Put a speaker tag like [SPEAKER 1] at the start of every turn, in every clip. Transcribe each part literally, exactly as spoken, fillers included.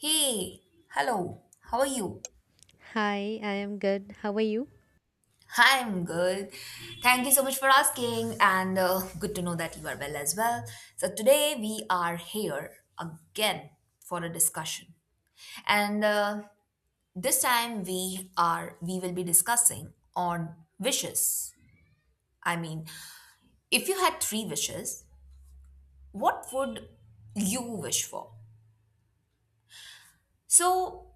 [SPEAKER 1] Hey, hello, how are you?
[SPEAKER 2] Hi, I am good. How are you?
[SPEAKER 1] I'm good. Thank you so much for asking, and uh, good to know that you are well as well. So, today we are here again for a discussion, and uh, this time we are we will be discussing on wishes. I mean, if you had three wishes, what would you wish for? So,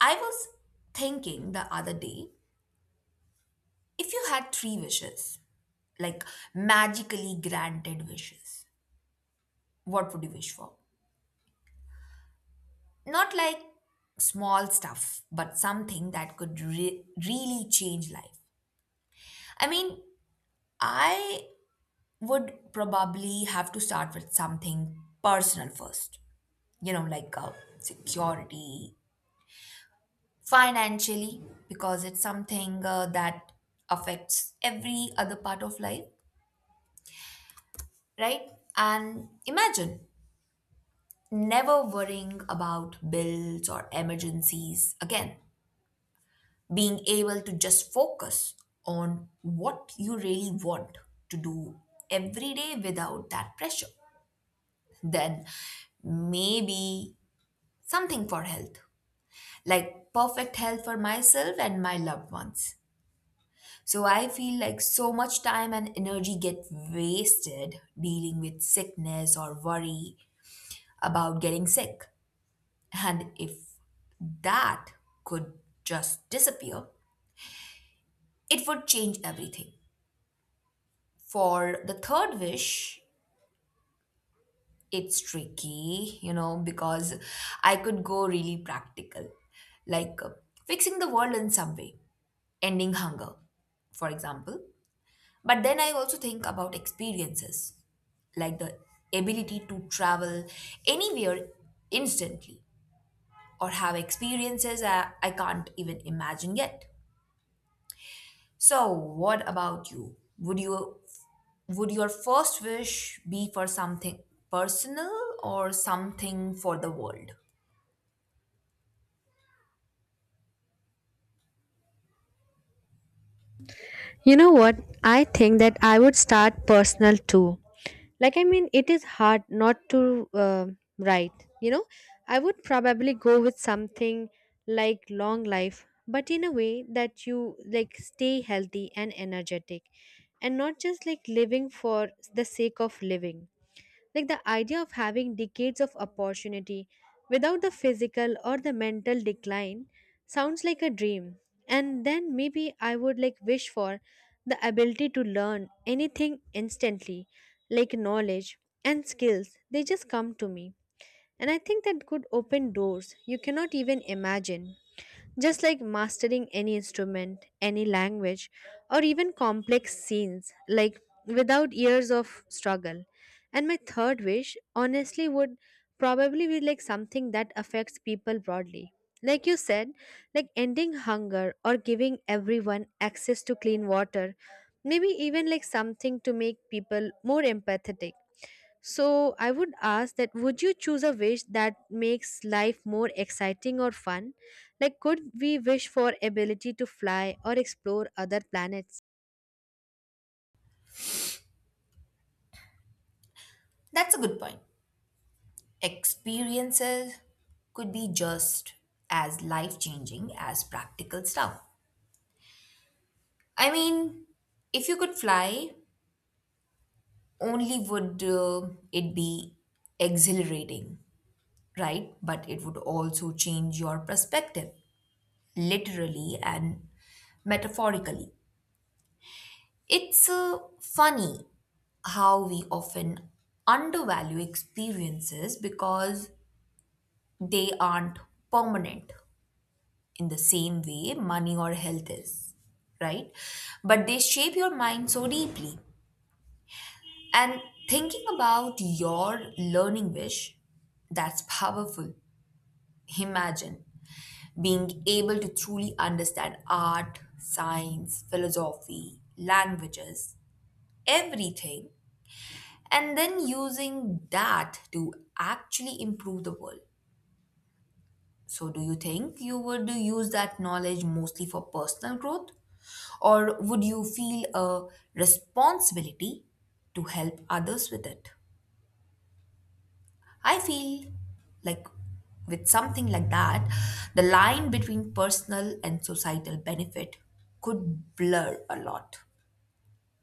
[SPEAKER 1] I was thinking the other day if you had three wishes, like magically granted wishes. What would you wish for? Not like small stuff, but something that could re- really change life. I mean, I would probably have to start with something personal first, you know, like uh, security financially, because it's something uh, that affects every other part of life, right? And imagine never worrying about bills or emergencies again, being able to just focus on what you really want to do every day without that pressure, then maybe something for health, like perfect health for myself and my loved ones. So I feel like so much time and energy get wasted dealing with sickness or worry about getting sick. And if that could just disappear, it would change everything. For the third wish, it's tricky, you know, because I could go really practical, like uh, fixing the world in some way, ending hunger, for example. But then I also think about experiences, like the ability to travel anywhere instantly or have experiences I, I can't even imagine yet. So, what about you? Would you would your first wish be for something personal or something for the world?
[SPEAKER 2] You know what? I think that I would start personal too. Like, I mean, it is hard not to uh, write. You know, I would probably go with something like long life, but in a way that you like stay healthy and energetic and not just like living for the sake of living. Like the idea of having decades of opportunity without the physical or the mental decline sounds like a dream. And then maybe I would like wish for the ability to learn anything instantly, like knowledge and skills. They just come to me. And I think that could open doors you cannot even imagine. Just like mastering any instrument, any language, or even complex scenes, like without years of struggle. And my third wish, honestly, would probably be like something that affects people broadly. Like you said, like ending hunger or giving everyone access to clean water, maybe even like something to make people more empathetic. So I would ask, that would you choose a wish that makes life more exciting or fun? Like could we wish for ability to fly or explore other planets?
[SPEAKER 1] That's a good point. Experiences could be just as life-changing as practical stuff. I mean, if you could fly, only would uh, it be exhilarating, right? But it would also change your perspective, literally and metaphorically. It's uh, funny how we often undervalue experiences because they aren't permanent in the same way money or health is, right? But they shape your mind so deeply. And thinking about your learning wish, that's powerful. Imagine being able to truly understand art, science, philosophy, languages, everything, and then using that to actually improve the world. So, do you think you would use that knowledge mostly for personal growth? Or would you feel a responsibility to help others with it? I feel like with something like that, the line between personal and societal benefit could blur a lot.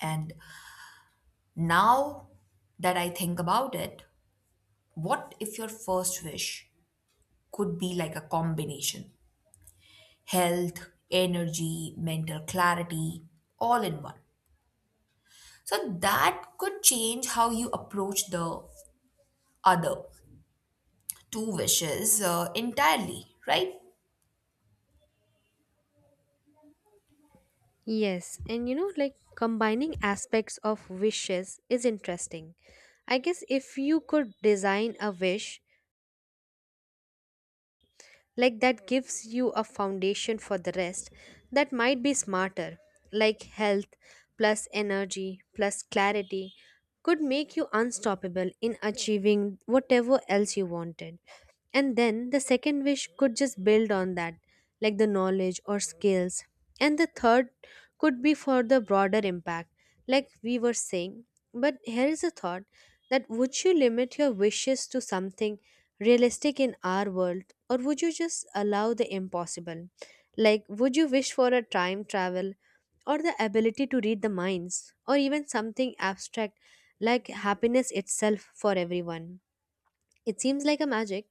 [SPEAKER 1] And now that I think about it, what if your first wish could be like a combination, health, energy, mental clarity, all in one. So that could change how you approach the other two wishes uh, entirely, right?
[SPEAKER 2] Yes, and you know like combining aspects of wishes is interesting. I guess if you could design a wish like that gives you a foundation for the rest, that might be smarter, like health plus energy plus clarity could make you unstoppable in achieving whatever else you wanted. And then the second wish could just build on that, like the knowledge or skills. And the third could be for the broader impact, like we were saying. But here is a thought, that would you limit your wishes to something realistic in our world, or would you just allow the impossible? Like, would you wish for a time travel, or the ability to read the minds, or even something abstract like happiness itself for everyone? It seems like a magic,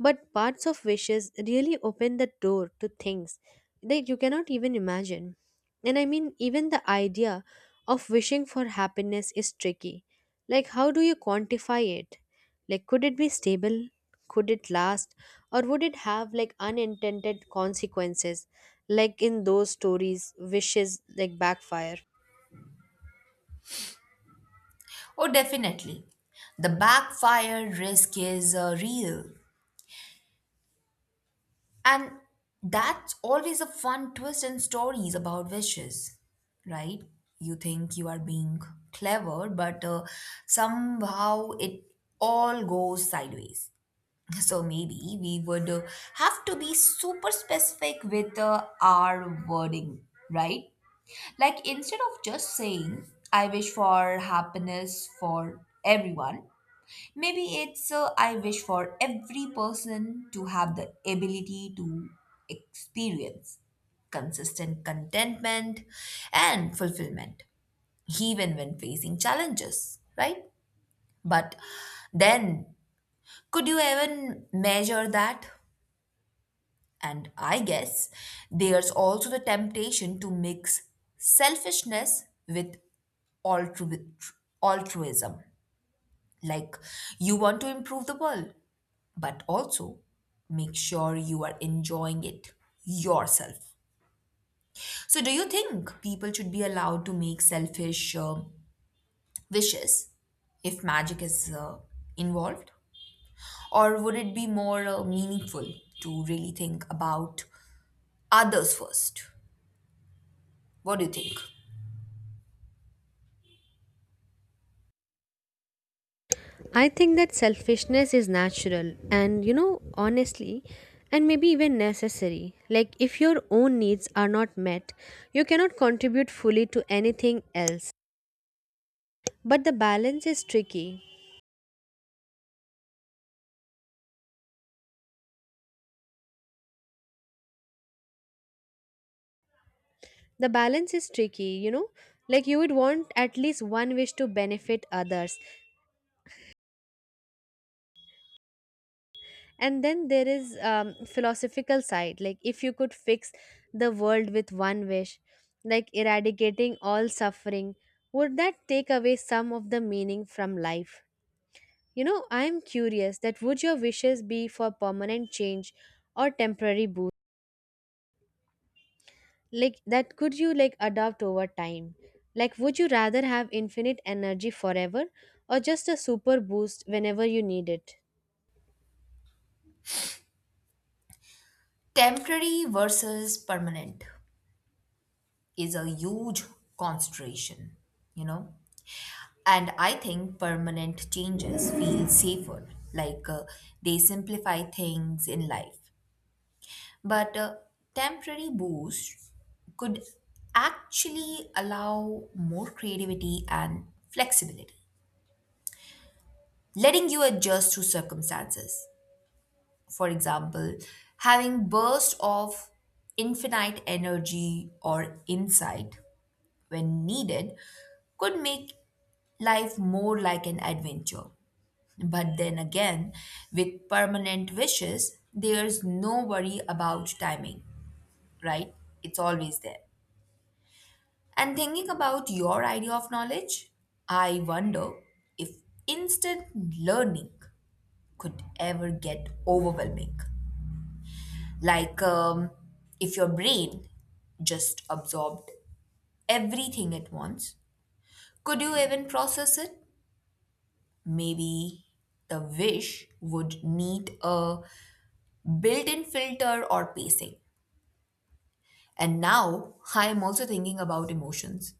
[SPEAKER 2] but parts of wishes really open the door to things that you cannot even imagine. And I mean, even the idea of wishing for happiness is tricky. Like, how do you quantify it? Like, could it be stable? Could it last? Or would it have like unintended consequences? Like in those stories, wishes like backfire.
[SPEAKER 1] Oh, definitely. The backfire risk is uh, real. And that's always a fun twist in stories about wishes, right? You think you are being clever, but uh, somehow it all goes sideways. So maybe we would uh, have to be super specific with uh, our wording, right? Like instead of just saying, I wish for happiness for everyone, maybe it's uh, I wish for every person to have the ability to experience consistent contentment and fulfillment, even when facing challenges, right? But then, could you even measure that? And I guess there's also the temptation to mix selfishness with altru- altruism. Like you want to improve the world, but also make sure you are enjoying it yourself. So, do you think people should be allowed to make selfish uh, wishes if magic is uh, involved? Or would it be more uh, meaningful to really think about others first? What do you think?
[SPEAKER 2] I think that selfishness is natural and, you know, honestly, and maybe even necessary. Like, if your own needs are not met, you cannot contribute fully to anything else. But the balance is tricky. The balance is tricky, you know, like you would want at least one wish to benefit others. And then there is um, philosophical side, like if you could fix the world with one wish, like eradicating all suffering, would that take away some of the meaning from life? You know, I am curious, that would your wishes be for permanent change or temporary boost? Like that could you like adopt over time, like would you rather have infinite energy forever or just a super boost whenever you need it?
[SPEAKER 1] Temporary versus permanent is a huge consideration, you know. And I think permanent changes feel safer, like uh, they simplify things in life. But uh, temporary boost could actually allow more creativity and flexibility, letting you adjust to circumstances. For example, having bursts of infinite energy or insight when needed could make life more like an adventure. But then again, with permanent wishes, there's no worry about timing, right? It's always there. And thinking about your idea of knowledge, I wonder if instant learning could ever get overwhelming. Like um, if your brain just absorbed everything at once, could you even process it? Maybe the wish would need a built in filter or pacing. And now I am also thinking about emotions.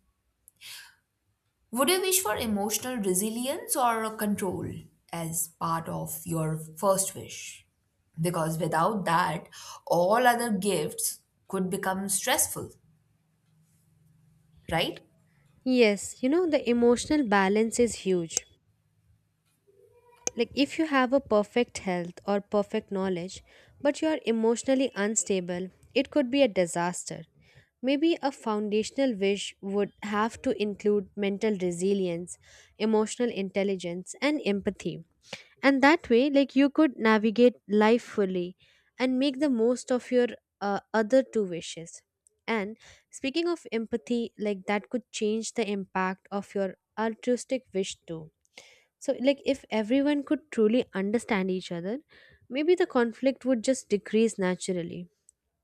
[SPEAKER 1] Would you wish for emotional resilience or control as part of your first wish? Because without that, all other gifts could become stressful, right?
[SPEAKER 2] Yes, you know the emotional balance is huge. Like if you have a perfect health or perfect knowledge but you are emotionally unstable, it could be a disaster. Maybe a foundational wish would have to include mental resilience, emotional intelligence, and empathy. And that way, like you could navigate life fully and make the most of your uh, other two wishes. And speaking of empathy, like that could change the impact of your altruistic wish too. So, like, if everyone could truly understand each other, maybe the conflict would just decrease naturally.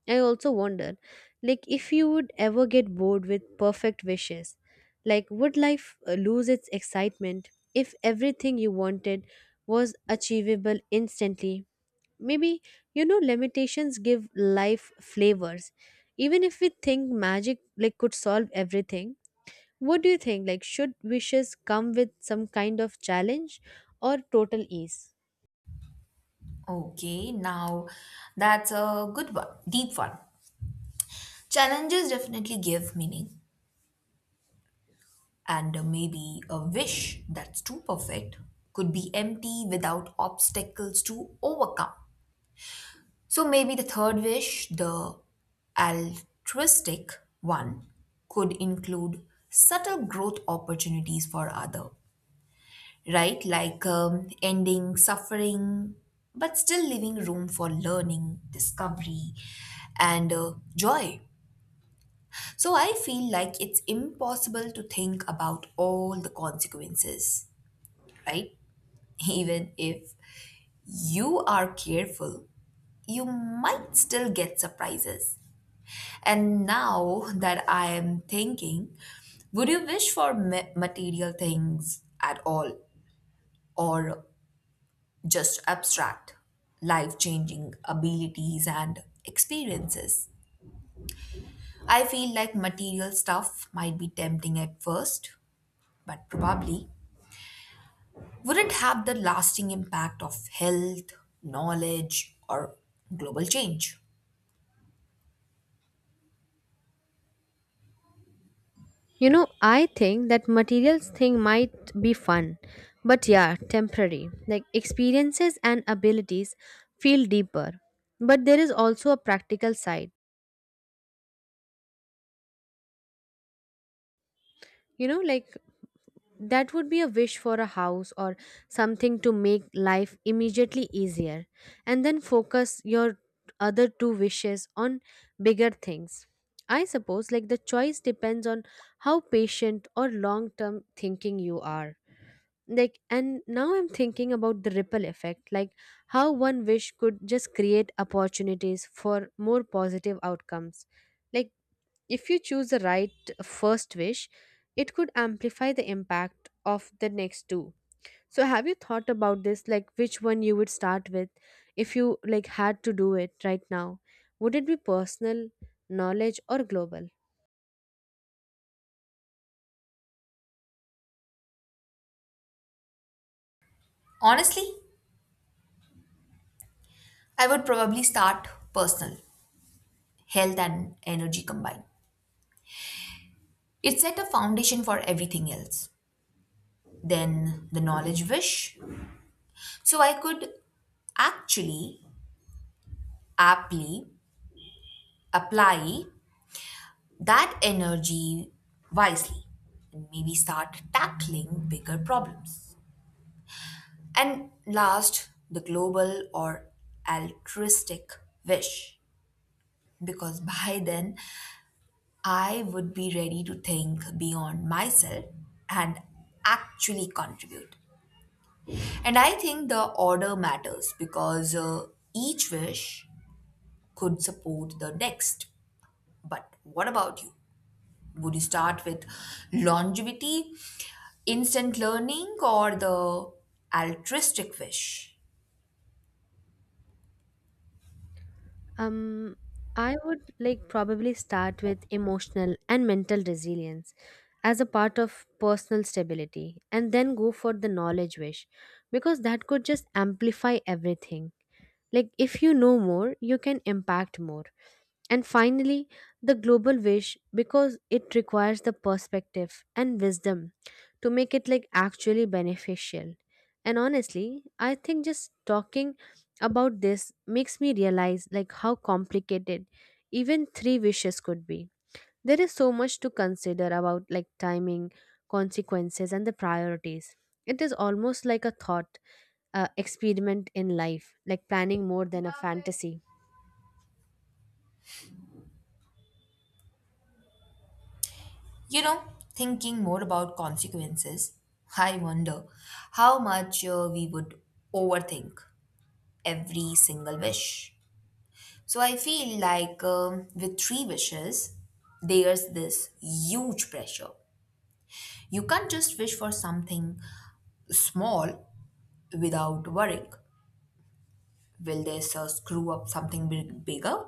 [SPEAKER 2] I also wonder, like, if you would ever get bored with perfect wishes, like, would life uh, lose its excitement if everything you wanted was achievable instantly? Maybe, you know, limitations give life flavors. Even if we think magic, like, could solve everything, what do you think? Like, should wishes come with some kind of challenge or total ease?
[SPEAKER 1] Okay, now that's a good one, deep one. Challenges definitely give meaning. And uh, maybe a wish that's too perfect could be empty without obstacles to overcome. So maybe the third wish, the altruistic one, could include subtle growth opportunities for other, right? Like um, ending suffering, but still leaving room for learning, discovery, and uh, joy. So I feel like it's impossible to think about all the consequences, right? Even if you are careful, you might still get surprises. And now that I am thinking, would you wish for ma- material things at all or just abstract, life changing abilities and experiences? I feel like material stuff might be tempting at first, but probably wouldn't have the lasting impact of health, knowledge, or global change.
[SPEAKER 2] You know, I think that materials thing might be fun, but yeah, temporary. Like, experiences and abilities feel deeper. But there is also a practical side. You know, like that would be a wish for a house or something to make life immediately easier, and then focus your other two wishes on bigger things. I suppose, like, the choice depends on how patient or long term thinking you are. Like, and now I'm thinking about the ripple effect, like how one wish could just create opportunities for more positive outcomes. Like if you choose the right first wish, it could amplify the impact of the next two. So have you thought about this, like which one you would start with? If you like had to do it right now, would it be personal, knowledge, or global?
[SPEAKER 1] Honestly, I would probably start personal, health and energy combined. It set a foundation for everything else. Then the knowledge wish. So I could actually aptly apply that energy wisely and maybe start tackling bigger problems. And last, the global or altruistic wish. Because by then, I would be ready to think beyond myself and actually contribute. And I think the order matters because uh, each wish could support the next. But what about you? Would you start with longevity, instant learning, or the altruistic wish?
[SPEAKER 2] Um, I would like probably start with emotional and mental resilience as a part of personal stability, and then go for the knowledge wish because that could just amplify everything. Like, if you know more, you can impact more. And finally, the global wish, because it requires the perspective and wisdom to make it like actually beneficial. And honestly, I think just talking about this makes me realize like how complicated even three wishes could be. There is so much to consider about, like timing, consequences, and the priorities. It is almost like a thought uh, experiment in life, like planning more than a fantasy.
[SPEAKER 1] You know, thinking more about consequences, I wonder how much uh, we would overthink every single wish. So I feel like um, with three wishes, there's this huge pressure. You can't just wish for something small without worrying. Will this uh, screw up something big, bigger?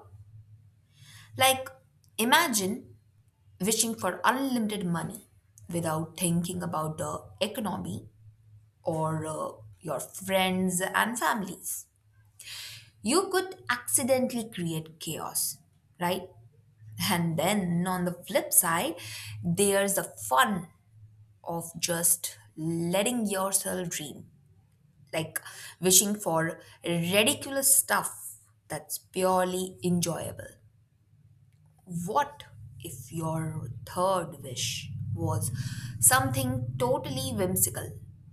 [SPEAKER 1] Like, imagine wishing for unlimited money without thinking about the economy or uh, your friends and families. You could accidentally create chaos, right? And then on the flip side, there's the fun of just letting yourself dream, like wishing for ridiculous stuff that's purely enjoyable. What if your third wish was something totally whimsical,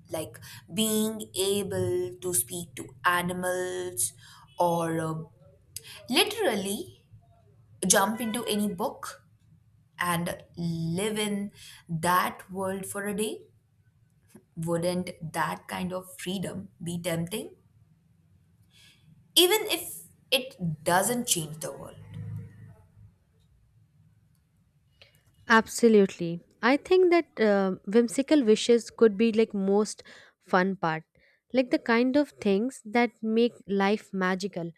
[SPEAKER 1] like being able to speak to animals or uh, literally jump into any book and live in that world for a day? Wouldn't that kind of freedom be tempting? Even if it doesn't change the world.
[SPEAKER 2] Absolutely, I think that uh, whimsical wishes could be like most fun part, like the kind of things that make life magical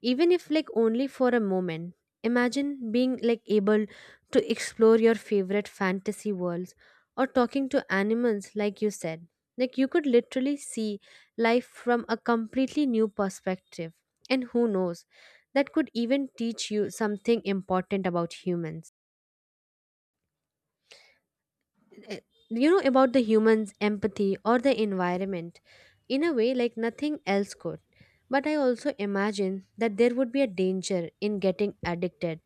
[SPEAKER 2] even if like only for a moment. Imagine being like able to explore your favorite fantasy worlds or talking to animals, like you said. Like you could literally see life from a completely new perspective, and who knows, that could even teach you something important about humans, eh, you know about the humans empathy or the environment in a way like nothing else could. But I also imagine that there would be a danger in getting addicted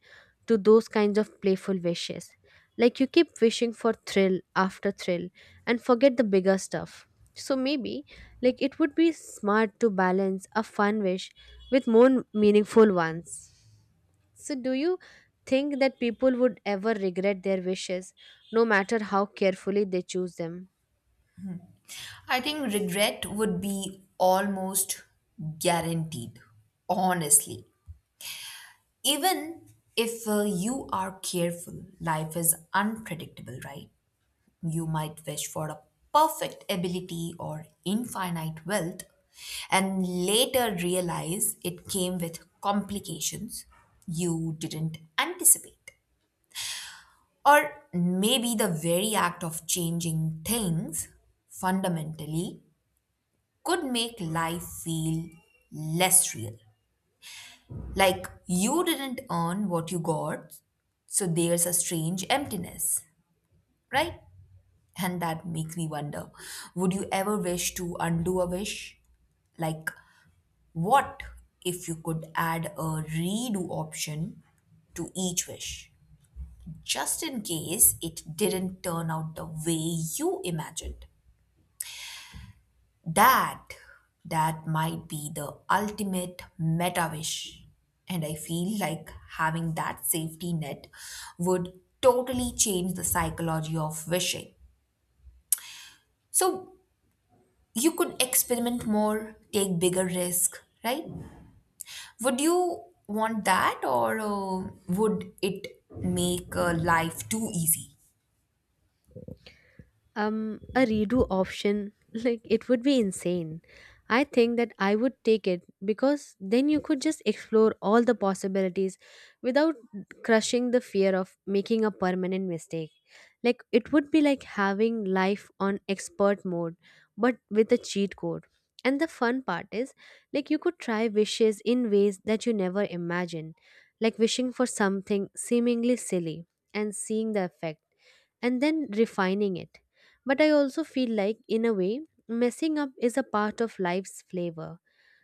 [SPEAKER 2] to those kinds of playful wishes, like you keep wishing for thrill after thrill and forget the bigger stuff. So maybe like it would be smart to balance a fun wish with more meaningful ones. So, do you think that people would ever regret their wishes, no matter how carefully they choose them?
[SPEAKER 1] I think regret would be almost guaranteed, honestly. Even if uh, you are careful, life is unpredictable, right? You might wish for a perfect ability or infinite wealth and later realize it came with complications you didn't anticipate. Or maybe the very act of changing things fundamentally could make life feel less real. Like you didn't earn what you got, so there's a strange emptiness, right? And that makes me wonder, would you ever wish to undo a wish? Like, what if you could add a redo option to each wish, just in case it didn't turn out the way you imagined? That that might be the ultimate meta wish. And I feel like having that safety net would totally change the psychology of wishing. So, you could experiment more, take bigger risk, right? Would you want that or uh, would it make uh, life too easy?
[SPEAKER 2] um a redo option, like it would be insane. I think that I would take it, because then you could just explore all the possibilities without crushing the fear of making a permanent mistake. Like it would be like having life on expert mode but with a cheat code. And the fun part is, like you could try wishes in ways that you never imagined, like wishing for something seemingly silly and seeing the effect and then refining it. But I also feel like, in a way, messing up is a part of life's flavor.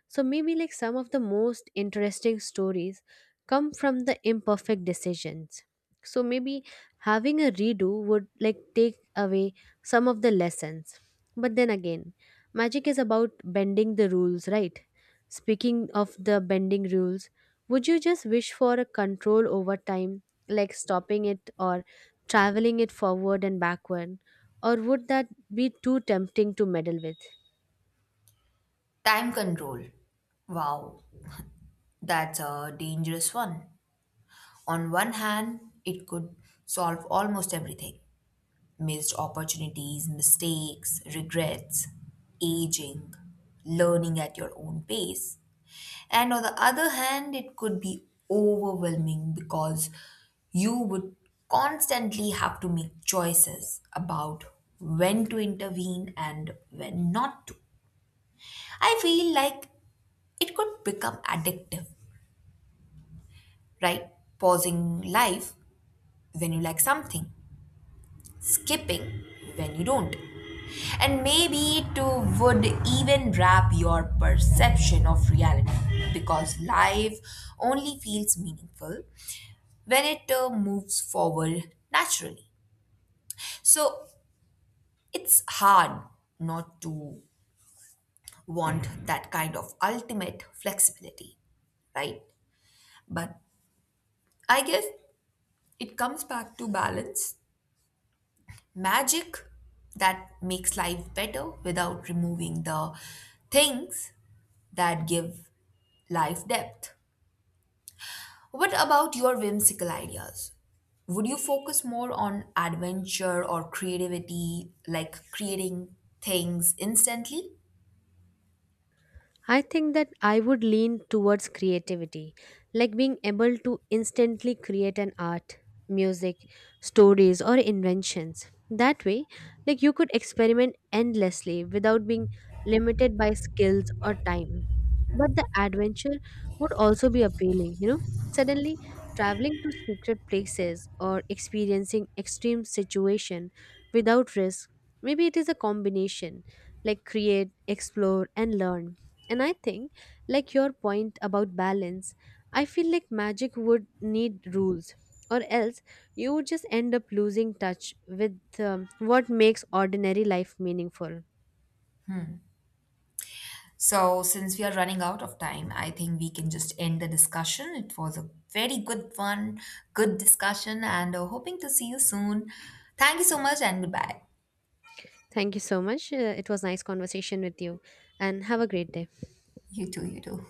[SPEAKER 2] So maybe like some of the most interesting stories come from the imperfect decisions. So maybe having a redo would like take away some of the lessons. But then again, magic is about bending the rules, right? Speaking of the bending rules, would you just wish for a control over time, like stopping it or traveling it forward and backward? Or would that be too tempting to meddle with?
[SPEAKER 1] Time control. Wow, that's a dangerous one. On one hand, it could solve almost everything: missed opportunities, mistakes, regrets, aging, learning at your own pace. And on the other hand, it could be overwhelming because you would constantly have to make choices about when to intervene and when not to. I feel like it could become addictive, right? Pausing life when you like something, skipping when you don't. And maybe it uh, would even wrap your perception of reality because life only feels meaningful when it uh, moves forward naturally. So it's hard not to want that kind of ultimate flexibility, right? But I guess it comes back to balance, magic that makes life better without removing the things that give life depth. What about your whimsical ideas? Would you focus more on adventure or creativity, like creating things instantly?
[SPEAKER 2] I think that I would lean towards creativity, like being able to instantly create an art, music, stories, or inventions. That way, like you could experiment endlessly without being limited by skills or time. But the adventure would also be appealing, you know? Suddenly, traveling to secret places or experiencing extreme situation without risk, maybe it is a combination, like create, explore, and learn. And I think, like your point about balance, I feel like magic would need rules, or else you would just end up losing touch with um, what makes ordinary life meaningful.
[SPEAKER 1] So, since we are running out of time, I think we can just end the discussion. It was a very good one, good discussion, and uh, hoping to see you soon. Thank you so much, and goodbye.
[SPEAKER 2] Thank you so much. Uh, it was nice conversation with you, and have a great day.
[SPEAKER 1] You too, you too.